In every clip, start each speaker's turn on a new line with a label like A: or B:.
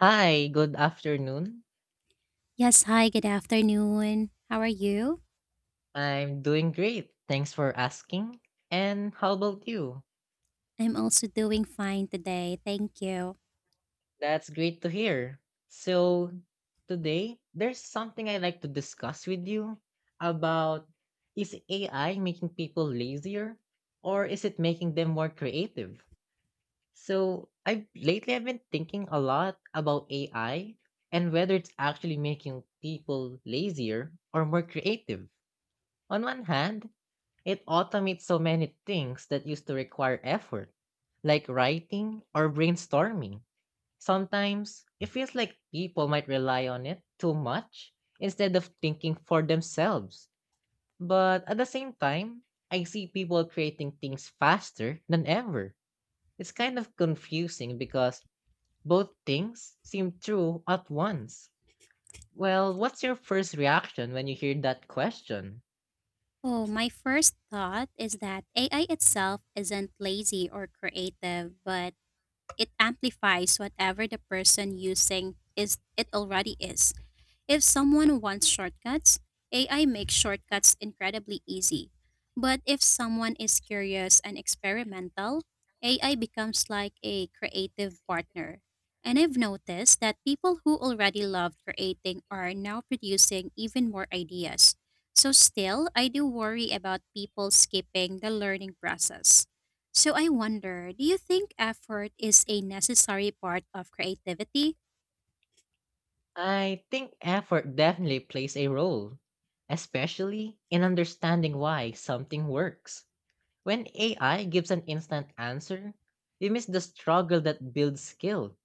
A: Hi, good afternoon.
B: Yes, hi, good afternoon. How are you?
A: I'm doing great. Thanks for asking. And how about you?
B: I'm also doing fine today, thank you.
A: That's great to hear. So, Today, there's something I'd like to discuss with you about: is AI making people lazier or is it making them more creative? So, I lately I've been thinking a lot about AI and whether it's actually making people lazier or more creative. On one hand, it automates so many things that used to require effort, like writing or brainstorming. Sometimes it feels like people might rely on it too much instead of thinking for themselves. But at the same time, I see people creating things faster than ever. It's kind of confusing because both things seem true at once. Well, what's your first reaction when you hear that question?
B: Oh, my first thought is that AI itself isn't lazy or creative, but it amplifies whatever the person using is it already is. If someone wants shortcuts, AI makes shortcuts incredibly easy. But if someone is curious and experimental, AI becomes like a creative partner. And I've noticed that people who already love creating are now producing even more ideas. So, still, I do worry about people skipping the learning process. So, I wonder, do you think effort is a necessary part of creativity?
A: I think effort definitely plays a role, especially in understanding why something works. When AI gives an instant answer, we miss the struggle that builds skill.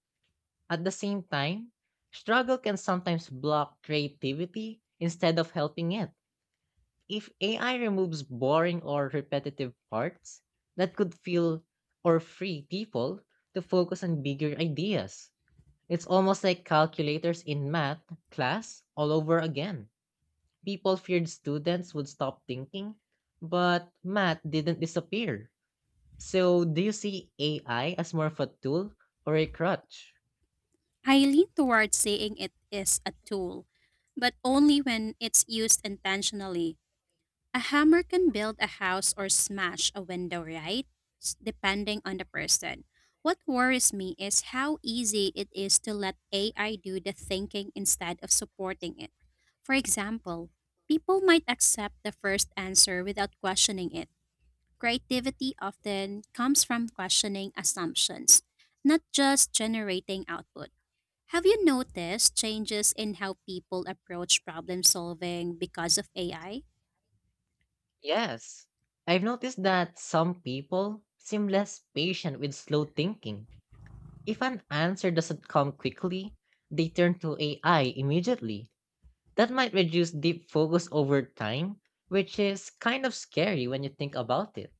A: At the same time, struggle can sometimes block creativity instead of helping it. If AI removes boring or repetitive parts, that could feel or free people to focus on bigger ideas. It's almost like calculators in math class all over again. People feared students would stop thinking, but math didn't disappear. So, do you see AI as more of a tool or a crutch?
B: I lean towards saying it is a tool, but only when it's used intentionally. A hammer can build a house or smash a window, right? Depending on the person. What worries me is how easy it is to let AI do the thinking instead of supporting it. For example, people might accept the first answer without questioning it. Creativity often comes from questioning assumptions, not just generating output. Have you noticed changes in how people approach problem solving because of AI? I
A: Yes. I've noticed that some people seem less patient with slow thinking. If an answer doesn't come quickly, they turn to AI immediately. That might reduce deep focus over time, which is kind of scary when you think about it.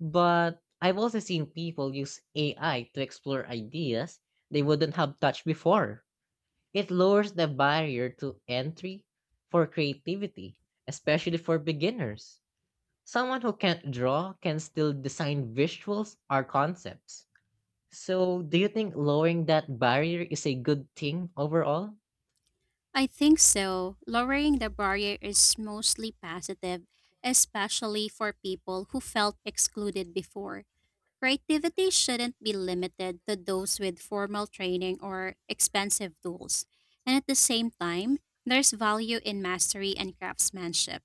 A: But I've also seen people use AI to explore ideas they wouldn't have touched before. It lowers the barrier to entry for creativity, especially for beginners. Someone who can't draw can still design visuals or concepts. So, do you think lowering that barrier is a good thing overall?
B: I Think so. Lowering the barrier is mostly positive, especially for people who felt excluded before. Creativity shouldn't be limited to those with formal training or expensive tools. And at the same time, there's value in mastery and craftsmanship.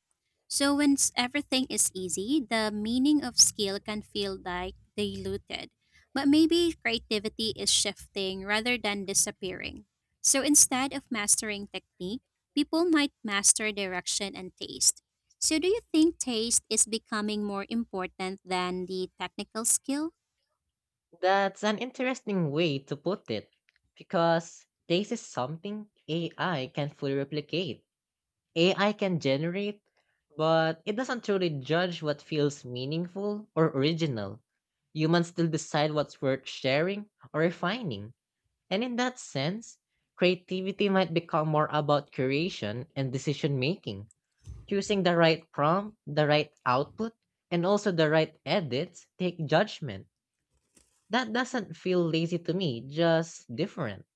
B: So when everything is easy, the meaning of skill can feel like diluted. But maybe creativity is shifting rather than disappearing. So instead of mastering technique, people might master direction and taste. So do you think taste is becoming more important than the technical skill?
A: That's an interesting way to put it because this is something AI can fully replicate. AI can generate, but it doesn't truly judge what feels meaningful or original. Humans still decide what's worth sharing or refining. And in that sense, creativity might become more about curation and decision making. Choosing the right prompt, the right output, and also the right edits, take judgment. That doesn't feel lazy to me, just different.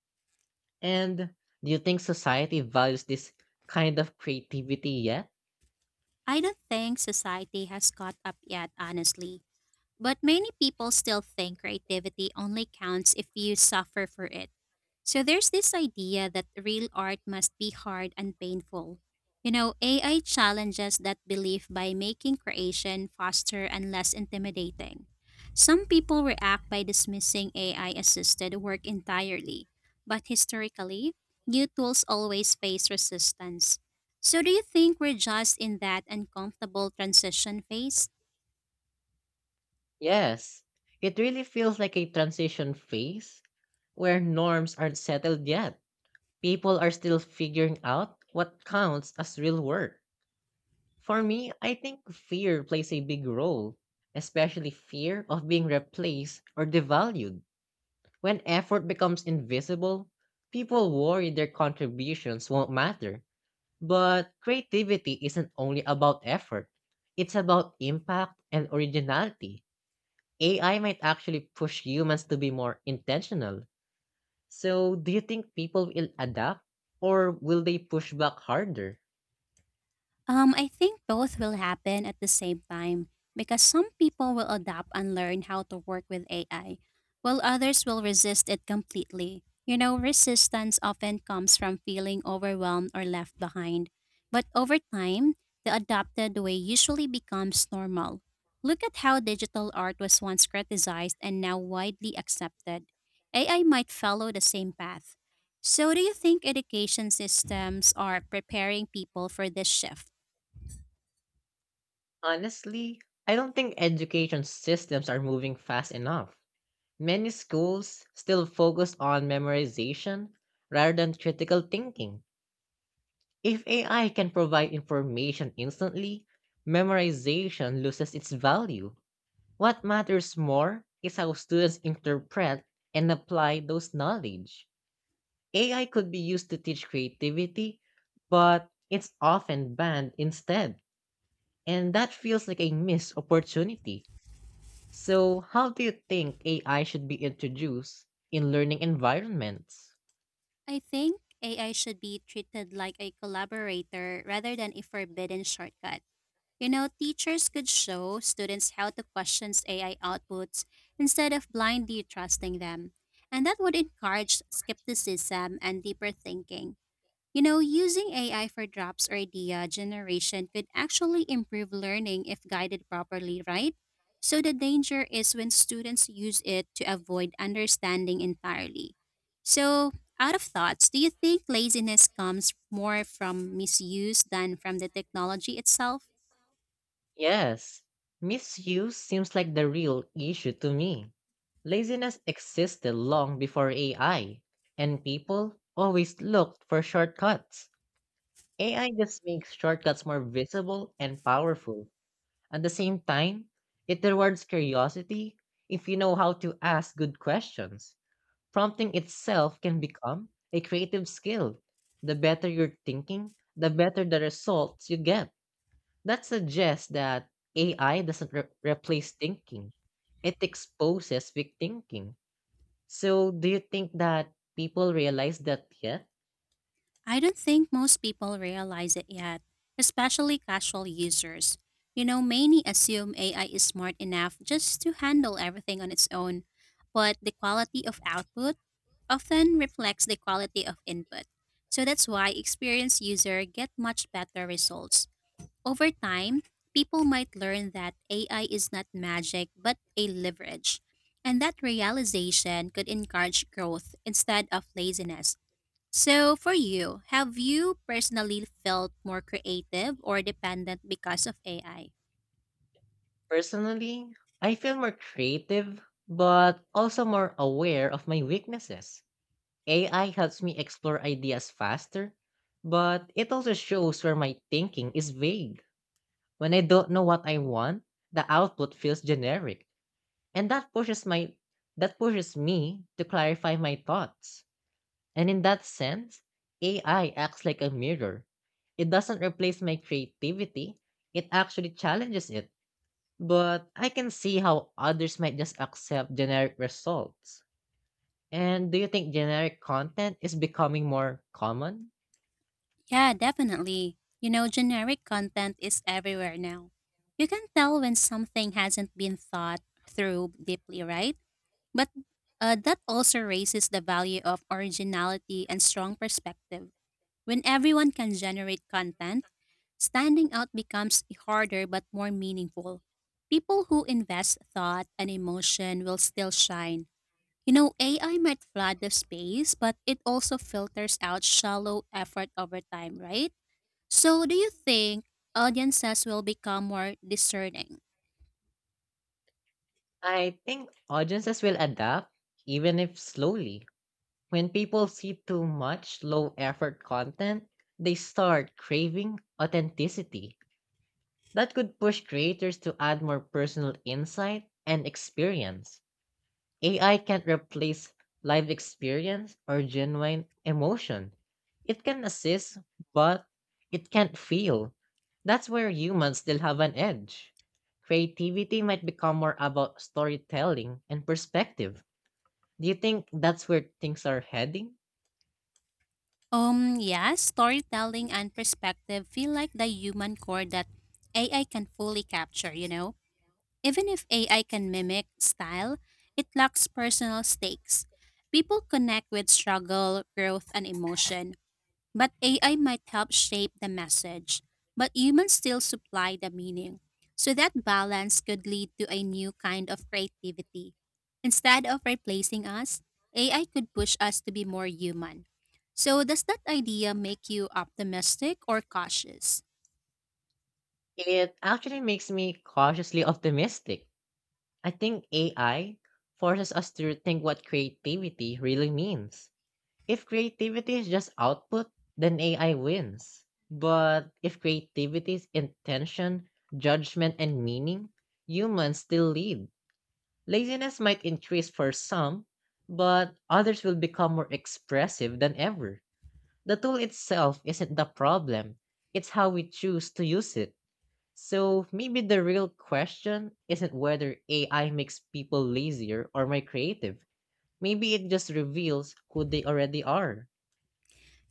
A: And do you think society values this kind of creativity yet?
B: I don't think society has caught up yet, honestly, but many people still think creativity only counts if you suffer for it. So there's this idea that real art must be hard and painful. You know, AI challenges that belief by making creation faster and less intimidating. Some people react by dismissing AI assisted work entirely, but historically, new tools always face resistance. So, do you think we're just in that uncomfortable transition phase?
A: Yes, it really feels like a transition phase where norms aren't settled yet. People are still figuring out what counts as real work. For me, I think fear plays a big role, especially fear of being replaced or devalued. When effort becomes invisible, people worry their contributions won't matter. But creativity isn't only about effort, it's about impact and originality. AI might actually push humans to be more intentional. So, do you think people will adapt or will they push back harder?
B: I think both will happen at the same time because some people will adapt and learn how to work with AI, while others will resist it completely. You know, resistance often comes from feeling overwhelmed or left behind. But over time, the adopted way usually becomes normal. Look at how digital art was once criticized and now widely accepted. AI might follow the same path. So, do you think education systems are preparing people for this shift?
A: Honestly, I don't think education systems are moving fast enough. Many schools still focus on memorization rather than critical thinking. If AI can provide information instantly, memorization loses its value. What matters more is how students interpret and apply those knowledge. AI could be used to teach creativity, but it's often banned instead. And that feels like a missed opportunity. So, how do you think AI should be introduced in learning environments?
B: I think AI should be treated like a collaborator rather than a forbidden shortcut. You know, teachers could show students how to question AI outputs instead of blindly trusting them. And that would encourage skepticism and deeper thinking. You know, using AI for drops or idea generation could actually improve learning if guided properly, right? So the danger is when students use it to avoid understanding entirely. So, out of thoughts, do you think laziness comes more from misuse than from the technology itself?
A: Yes, misuse seems like the real issue to me. Laziness existed long before AI, and people always looked for shortcuts. AI just makes shortcuts more visible and powerful. At the same time, it rewards curiosity if you know how to ask good questions. Prompting itself can become a creative skill. The better you're thinking, the better the results you get. That suggests that AI doesn't replace thinking, it exposes weak thinking. So, do you think that people realize that yet?
B: I don't think most people realize it yet, especially casual users. You know, many assume AI is smart enough just to handle everything on its own, but the quality of output often reflects the quality of input. So that's why experienced users get much better results. Over time, people might learn that AI is not magic but a leverage. And that realization could encourage growth instead of laziness. So, for you, have you personally felt more creative or dependent because of AI?
A: Personally, I feel more creative, but also more aware of my weaknesses. AI helps me explore ideas faster, but it also shows where my thinking is vague. When I don't know what I want, the output feels generic, and that pushes me to clarify my thoughts. And in that sense, AI acts like a mirror. It doesn't replace my creativity, it actually challenges it. But I can see how others might just accept generic results. And do you think generic content is becoming more common?
B: Yeah, definitely. You know, generic content is everywhere now. You can tell when something hasn't been thought through deeply, right? But that also raises the value of originality and strong perspective. When everyone can generate content, standing out becomes harder but more meaningful. People who invest thought and emotion will still shine. You know, AI might flood the space, but it also filters out shallow effort over time, right? So, do you think audiences will become more discerning?
A: I think audiences will adapt, even if slowly. When people see too much low effort content, they start craving authenticity. That could push creators to add more personal insight and experience. AI can't replace live experience or genuine emotion. It can assist, but it can't feel. That's where humans still have an edge. Creativity might become more about storytelling and perspective. Do you think that's where things are heading?
B: Yes. Storytelling and perspective feel like the human core that AI can fully capture, you know? Even if AI can mimic style, it lacks personal stakes. People connect with struggle, growth, and emotion. But AI might help shape the message, but humans still supply the meaning. So that balance could lead to a new kind of creativity. Instead of replacing us, AI could push us to be more human. So, does that idea make you optimistic or cautious?
A: It actually makes me cautiously optimistic. I think AI forces us to rethink what creativity really means. If creativity is just output, then AI wins. But if creativity is intention, judgment, and meaning, humans still lead. Laziness might increase for some, but others will become more expressive than ever. The tool itself isn't the problem, it's how we choose to use it. So maybe the real question isn't whether AI makes people lazier or more creative. Maybe it just reveals who they already are.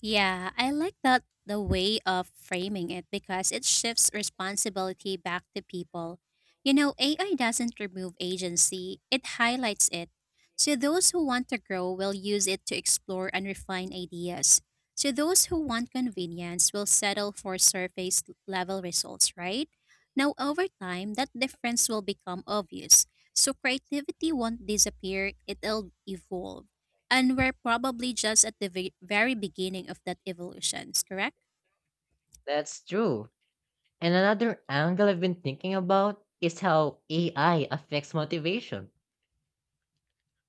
B: Yeah, I like that the way of framing it because it shifts responsibility back to people. You know, AI doesn't remove agency, it highlights it. So those who want to grow will use it to explore and refine ideas. So those who want convenience will settle for surface level results, right? Now, over time, that difference will become obvious. So creativity won't disappear, it'll evolve. And we're probably just at the very beginning of that evolution, correct?
A: That's true. And another angle I've been thinking about is how AI affects motivation.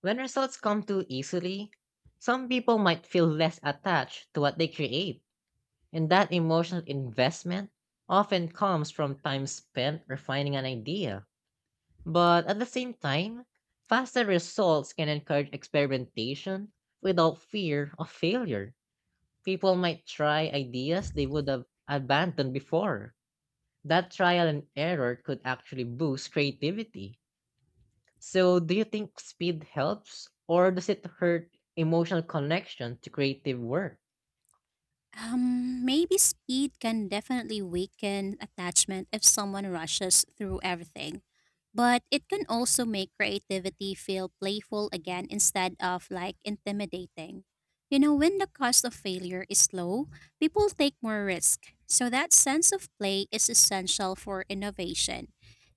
A: When results come too easily, some people might feel less attached to what they create, and that emotional investment often comes from time spent refining an idea. But at the same time, faster results can encourage experimentation without fear of failure. People might try ideas they would have abandoned before. That trial and error could actually boost creativity. So, do you think speed helps or does it hurt emotional connection to creative work?
B: Maybe speed can definitely weaken attachment if someone rushes through everything, but it can also make creativity feel playful again instead of like intimidating. You know, when the cost of failure is low, people take more risk. So that sense of play is essential for innovation.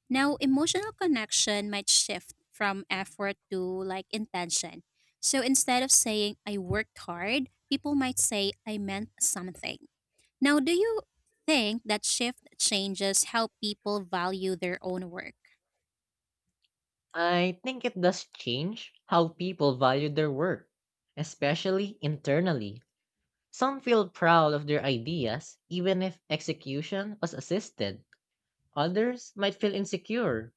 B: Now, emotional connection might shift from effort to like intention. So instead of saying, I worked hard, people might say, I meant something. Now, do you think that shift changes how people value their own work?
A: I think it does change how people value their work, especially internally. Some feel proud of their ideas even if execution was assisted. Others might feel insecure,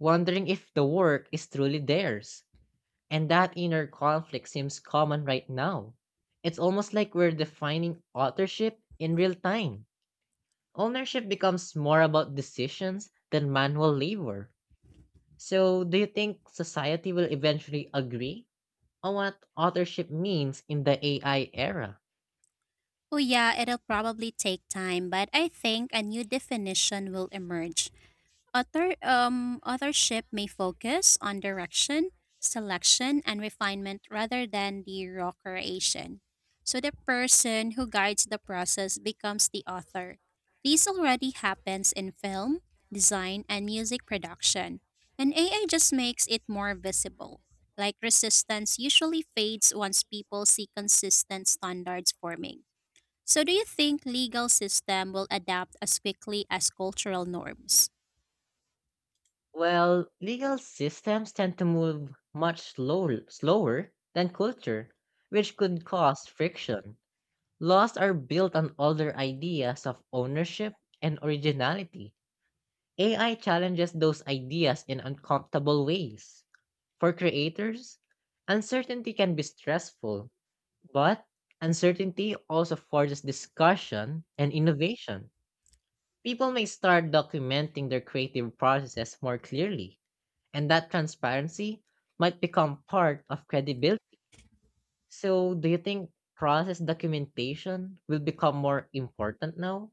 A: wondering if the work is truly theirs. And that inner conflict seems common right now. It's almost like we're defining authorship in real time. Ownership becomes more about decisions than manual labor. So, do you think society will eventually agree on what authorship means in the AI era?
B: Oh, yeah, it'll probably take time, but I think a new definition will emerge. Authorship may focus on direction, selection, and refinement rather than the raw creation. So the person who guides the process becomes the author. This already happens in film, design, and music production, and AI just makes it more visible. Like resistance usually fades once people see consistent standards forming. So do you think legal system will adapt as quickly as cultural norms?
A: Well, legal systems tend to move much slower than culture, which could cause friction. Laws are built on older ideas of ownership and originality. AI challenges those ideas in uncomfortable ways. For creators, uncertainty can be stressful, but uncertainty also forces discussion and innovation. People may start documenting their creative processes more clearly, and that transparency might become part of credibility. So, do you think process documentation will become more important now?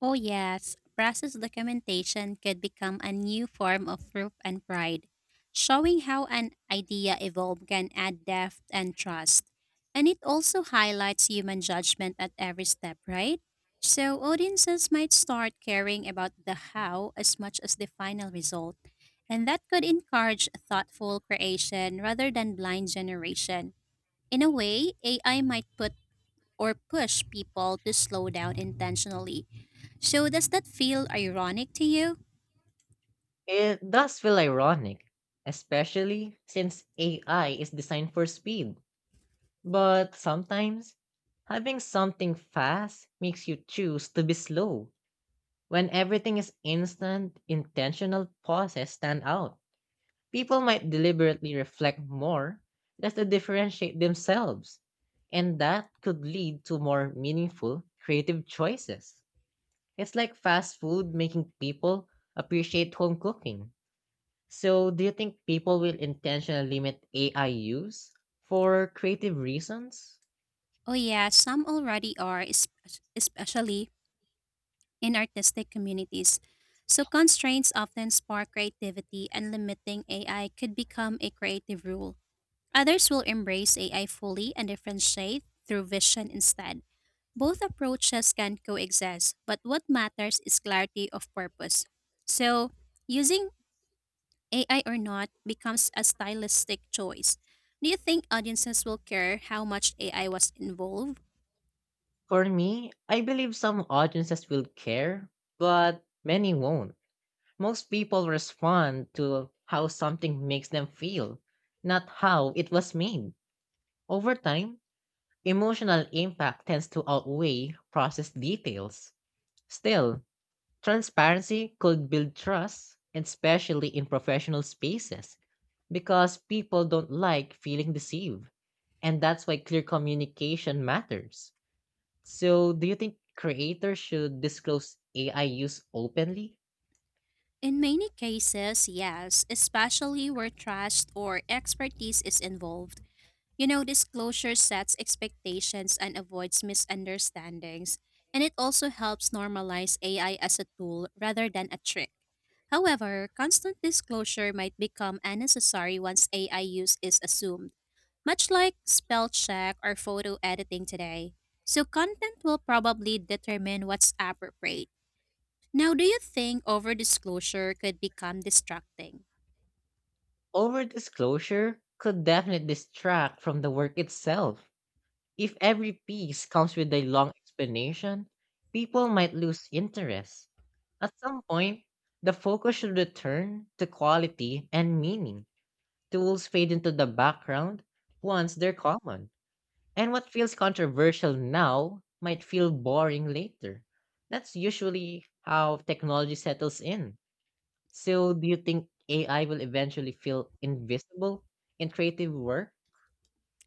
B: Oh, yes, process documentation could become a new form of proof and pride, showing how an idea evolved can add depth and trust. And it also highlights human judgment at every step, right? So audiences might start caring about the how as much as the final result. And that could encourage thoughtful creation rather than blind generation. In a way, AI might put or push people to slow down intentionally. So, does that feel ironic to you?
A: It does feel ironic, especially since AI is designed for speed. But sometimes, having something fast makes you choose to be slow. When everything is instant, intentional pauses stand out. People might deliberately reflect more just to differentiate themselves, and that could lead to more meaningful creative choices. It's like fast food making people appreciate home cooking. So, do you think people will intentionally limit AI use for creative reasons?
B: Oh, yeah, some already are, especially in artistic communities. So, constraints often spark creativity, and limiting AI could become a creative rule. Others will embrace AI fully and differentiate through vision instead. Both approaches can coexist, but what matters is clarity of purpose. So, using AI or not, becomes a stylistic choice. Do you think audiences will care how much AI was involved?
A: For me, I believe some audiences will care, but many won't. Most people respond to how something makes them feel, not how it was made. Over time, emotional impact tends to outweigh process details. Still, transparency could build trust, especially in professional spaces, because people don't like feeling deceived. And that's why clear communication matters. So, do you think creators should disclose AI use openly?
B: In many cases, yes, especially where trust or expertise is involved. You know, disclosure sets expectations and avoids misunderstandings, and it also helps normalize AI as a tool rather than a trick. However, constant disclosure might become unnecessary once AI use is assumed much like spell check or photo editing today. So content will probably determine what's appropriate. Now, do you think overdisclosure could become distracting?
A: Over disclosure could definitely distract from the work itself. If every piece comes with a long explanation, people might lose interest. At some point, the focus should return to quality and meaning. Tools fade into the background once they're common. And what feels controversial now might feel boring later. That's usually how technology settles in. So, do you think AI will eventually feel invisible in creative work?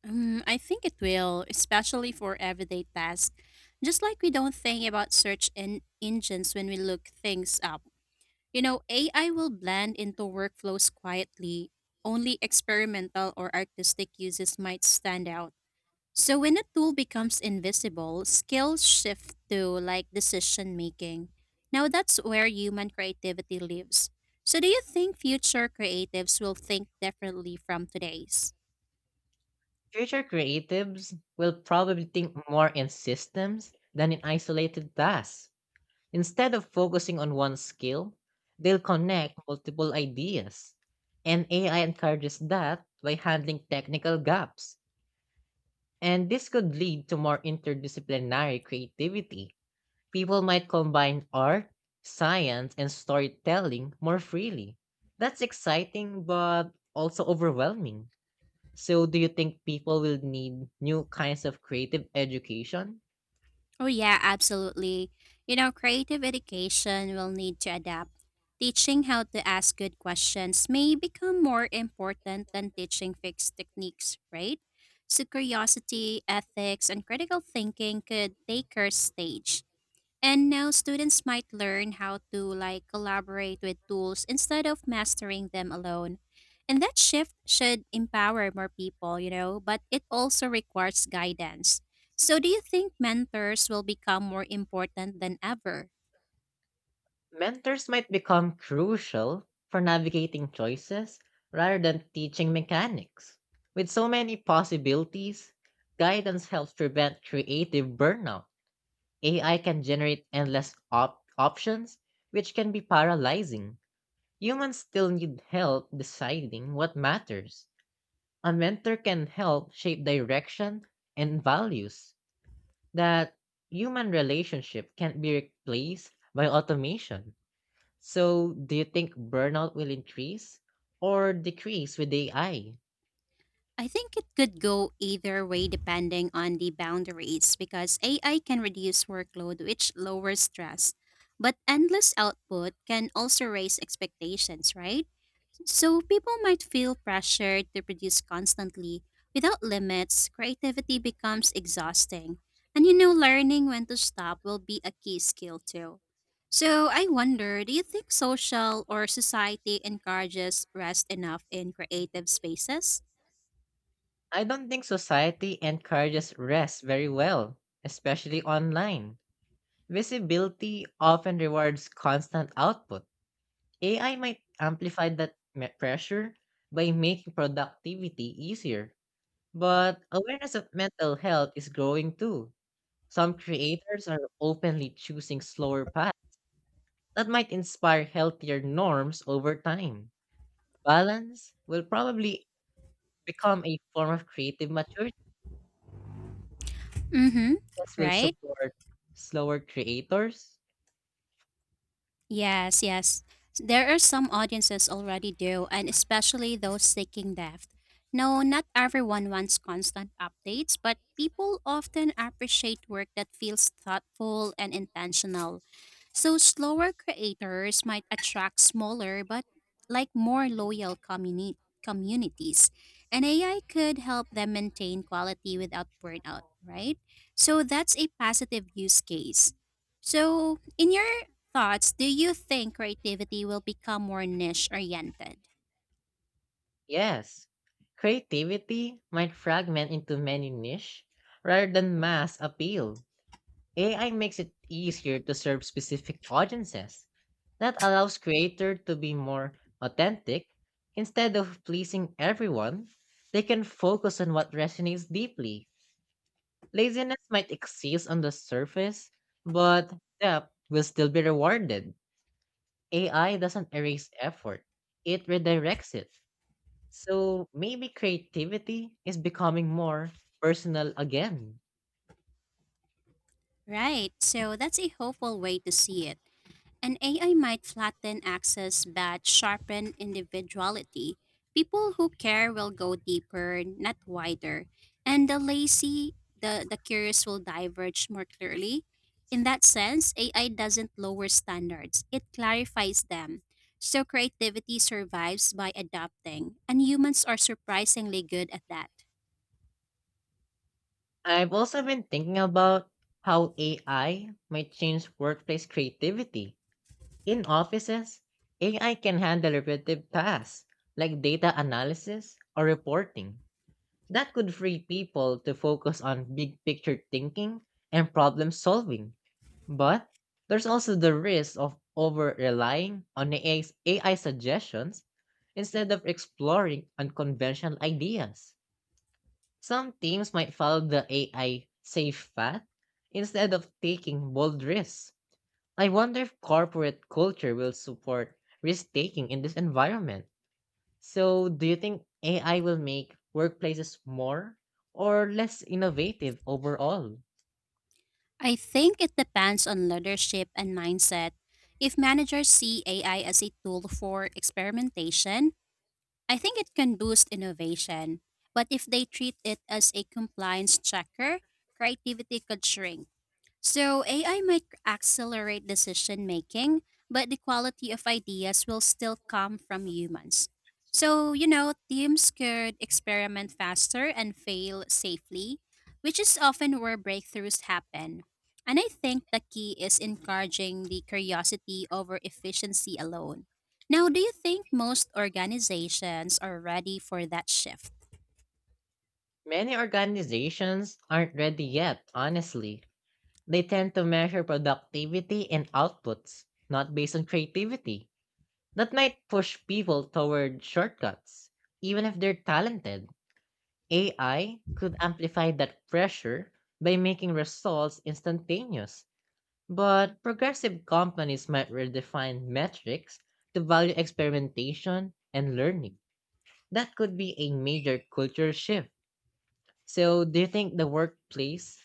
B: I think it will, especially for everyday tasks. Just like we don't think about search engines when we look things up. You know, AI will blend into workflows quietly. Only experimental or artistic uses might stand out. So when a tool becomes invisible, skills shift to like decision making. Now that's where human creativity lives. So do you think future creatives will think differently from today's?
A: Future creatives will probably think more in systems than in isolated tasks. Instead of focusing on one skill, they'll connect multiple ideas. And AI encourages that by handling technical gaps. And this could lead to more interdisciplinary creativity. People might combine art, science, and storytelling more freely. That's exciting, but also overwhelming. So, do you think people will need new kinds of creative education?
B: Oh yeah, absolutely. You know, creative education will need to adapt. Teaching how to ask good questions may become more important than teaching fixed techniques, right? So curiosity, ethics, and critical thinking could take her stage. And now students might learn how to like collaborate with tools instead of mastering them alone. And that shift should empower more people, you know, but it also requires guidance. So do you think mentors will become more important than ever?
A: Mentors might become crucial for navigating choices rather than teaching mechanics. With so many possibilities, guidance helps prevent creative burnout. AI can generate endless options, which can be paralyzing. Humans still need help deciding what matters. A mentor can help shape direction and values. That human relationship can't be replaced by automation. So, do you think burnout will increase or decrease with AI? I
B: I think it could go either way depending on the boundaries because AI can reduce workload which lowers stress, but endless output can also raise expectations, right? So people might feel pressured to produce constantly. Without limits, creativity becomes exhausting. And you know, learning when to stop will be a key skill too. So I wonder, do you think social or society encourages rest enough in creative spaces?
A: I don't think society encourages rest very well, especially online. Visibility often rewards constant output. AI might amplify that pressure by making productivity easier. But awareness of mental health is growing too. Some creators are openly choosing slower paths that might inspire healthier norms over time. Balance will probably become a form of creative maturity
B: Mm-hmm.
A: that will
B: Right?
A: support slower creators.
B: Yes, yes. There are some audiences already do, and especially those seeking depth. No, not everyone wants constant updates, but people often appreciate work that feels thoughtful and intentional. So slower creators might attract smaller but like more loyal communities. And AI could help them maintain quality without burnout, right? So that's a positive use case. So in your thoughts do you think creativity will become more niche oriented?
A: Yes. Creativity might fragment into many niche rather than mass appeal. AI makes it easier to serve specific audiences. That allows creators to be more authentic. Instead of pleasing everyone, they can focus on what resonates deeply. Laziness might exist on the surface, but depth will still be rewarded. AI doesn't erase effort, it redirects it. So maybe creativity is becoming more personal again.
B: Right, so that's a hopeful way to see it. And AI might flatten access but sharpen individuality. People who care will go deeper, not wider. And the lazy, the curious will diverge more clearly. In that sense, AI doesn't lower standards, it clarifies them. So creativity survives by adapting, and humans are surprisingly good at that.
A: I've also been thinking about how AI might change workplace creativity. In offices, AI can handle repetitive tasks like data analysis or reporting. That could free people to focus on big picture thinking and problem solving. But there's also the risk of over relying on AI suggestions instead of exploring unconventional ideas. Some teams might follow the AI safe path instead of taking bold risks. I wonder if corporate culture will support risk taking in this environment. So, do you think AI will make workplaces more or less innovative overall?
B: I think it depends on leadership and mindset. If managers see AI as a tool for experimentation, I think it can boost innovation. But if they treat it as a compliance checker, creativity could shrink. So, AI might accelerate decision making, but the quality of ideas will still come from humans. So, you know, teams could experiment faster and fail safely, which is often where breakthroughs happen. And I think the key is encouraging the curiosity over efficiency alone. Now, do you think most organizations are ready for that shift?
A: Many organizations aren't ready yet, honestly. They tend to measure productivity and outputs, not based on creativity. That might push people toward shortcuts, even if they're talented. AI could amplify that pressure by making results instantaneous, but progressive companies might redefine metrics to value experimentation and learning. That could be a major culture shift. So, do you think the workplace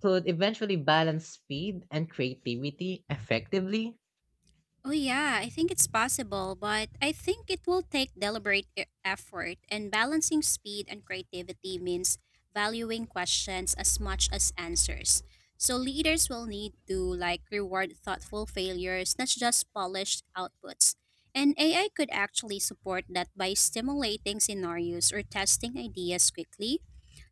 A: could eventually balance speed and creativity effectively?
B: Oh, yeah, I think it's possible, but I think it will take deliberate effort, and balancing speed and creativity means valuing questions as much as answers. So leaders will need to like reward thoughtful failures, not just polished outputs. And AI could actually support that by stimulating scenarios or testing ideas quickly.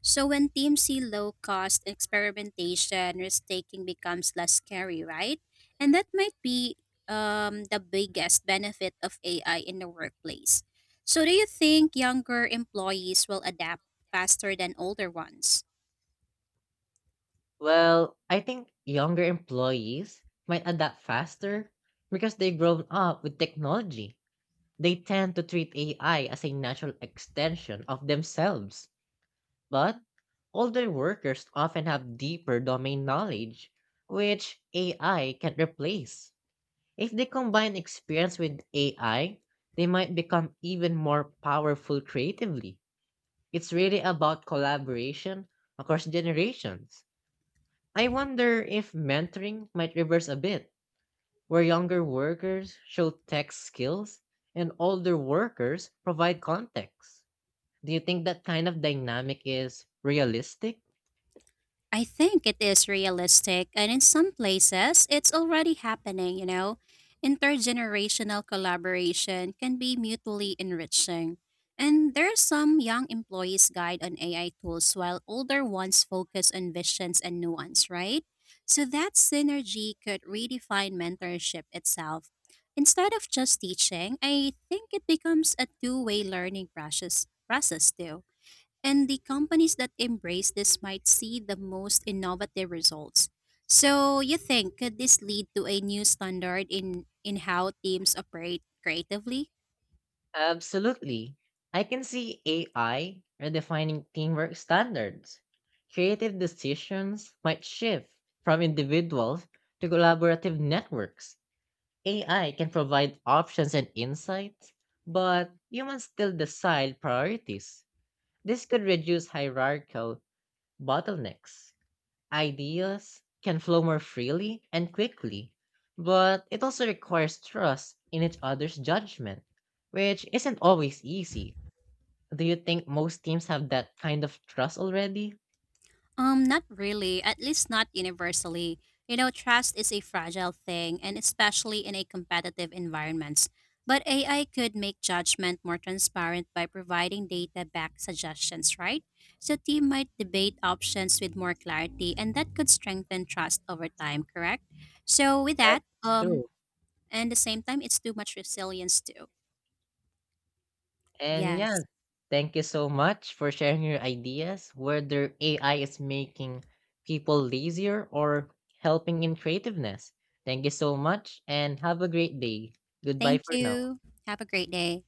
B: So when teams see low cost experimentation, risk taking becomes less scary, right? And that might be the biggest benefit of AI in the workplace. So, do you think younger employees will adapt faster than older ones?
A: Well, I think younger employees might adapt faster because they've grown up with technology. They tend to treat AI as a natural extension of themselves. But older workers often have deeper domain knowledge, which AI can replace. If they combine experience with AI, they might become even more powerful creatively. It's really about collaboration across generations. I wonder if mentoring might reverse a bit, where younger workers show tech skills and older workers provide context. Do you think that kind of dynamic is realistic?
B: I think it is realistic, and in some places, it's already happening, you know. Intergenerational collaboration can be mutually enriching. And there are some young employees guide on AI tools while older ones focus on visions and nuance, right? So that synergy could redefine mentorship itself. Instead of just teaching, I think it becomes a two-way learning process too. And the companies that embrace this might see the most innovative results. So, you think could this lead to a new standard in how teams operate creatively?
A: Absolutely. I can see AI redefining teamwork standards. Creative decisions might shift from individuals to collaborative networks. AI can provide options and insights, but humans still decide priorities. This could reduce hierarchical bottlenecks. Ideas can flow more freely and quickly, but it also requires trust in each other's judgment, which isn't always easy. Do you think most teams have that kind of trust already?
B: Not really, at least not universally. You know, trust is a fragile thing, and especially in a competitive environment. But AI could make judgment more transparent by providing data backed suggestions, right? So, team might debate options with more clarity, and that could strengthen trust over time, correct? So, with
A: That's
B: that,
A: true.
B: and the same time, it's too much resilience, too.
A: And yeah,
B: Yes.
A: thank you so much for sharing your ideas, whether AI is making people lazier or helping in creativeness. Thank you so much and have a great day. Goodbye
B: Thank
A: for now.
B: you. Have a great day.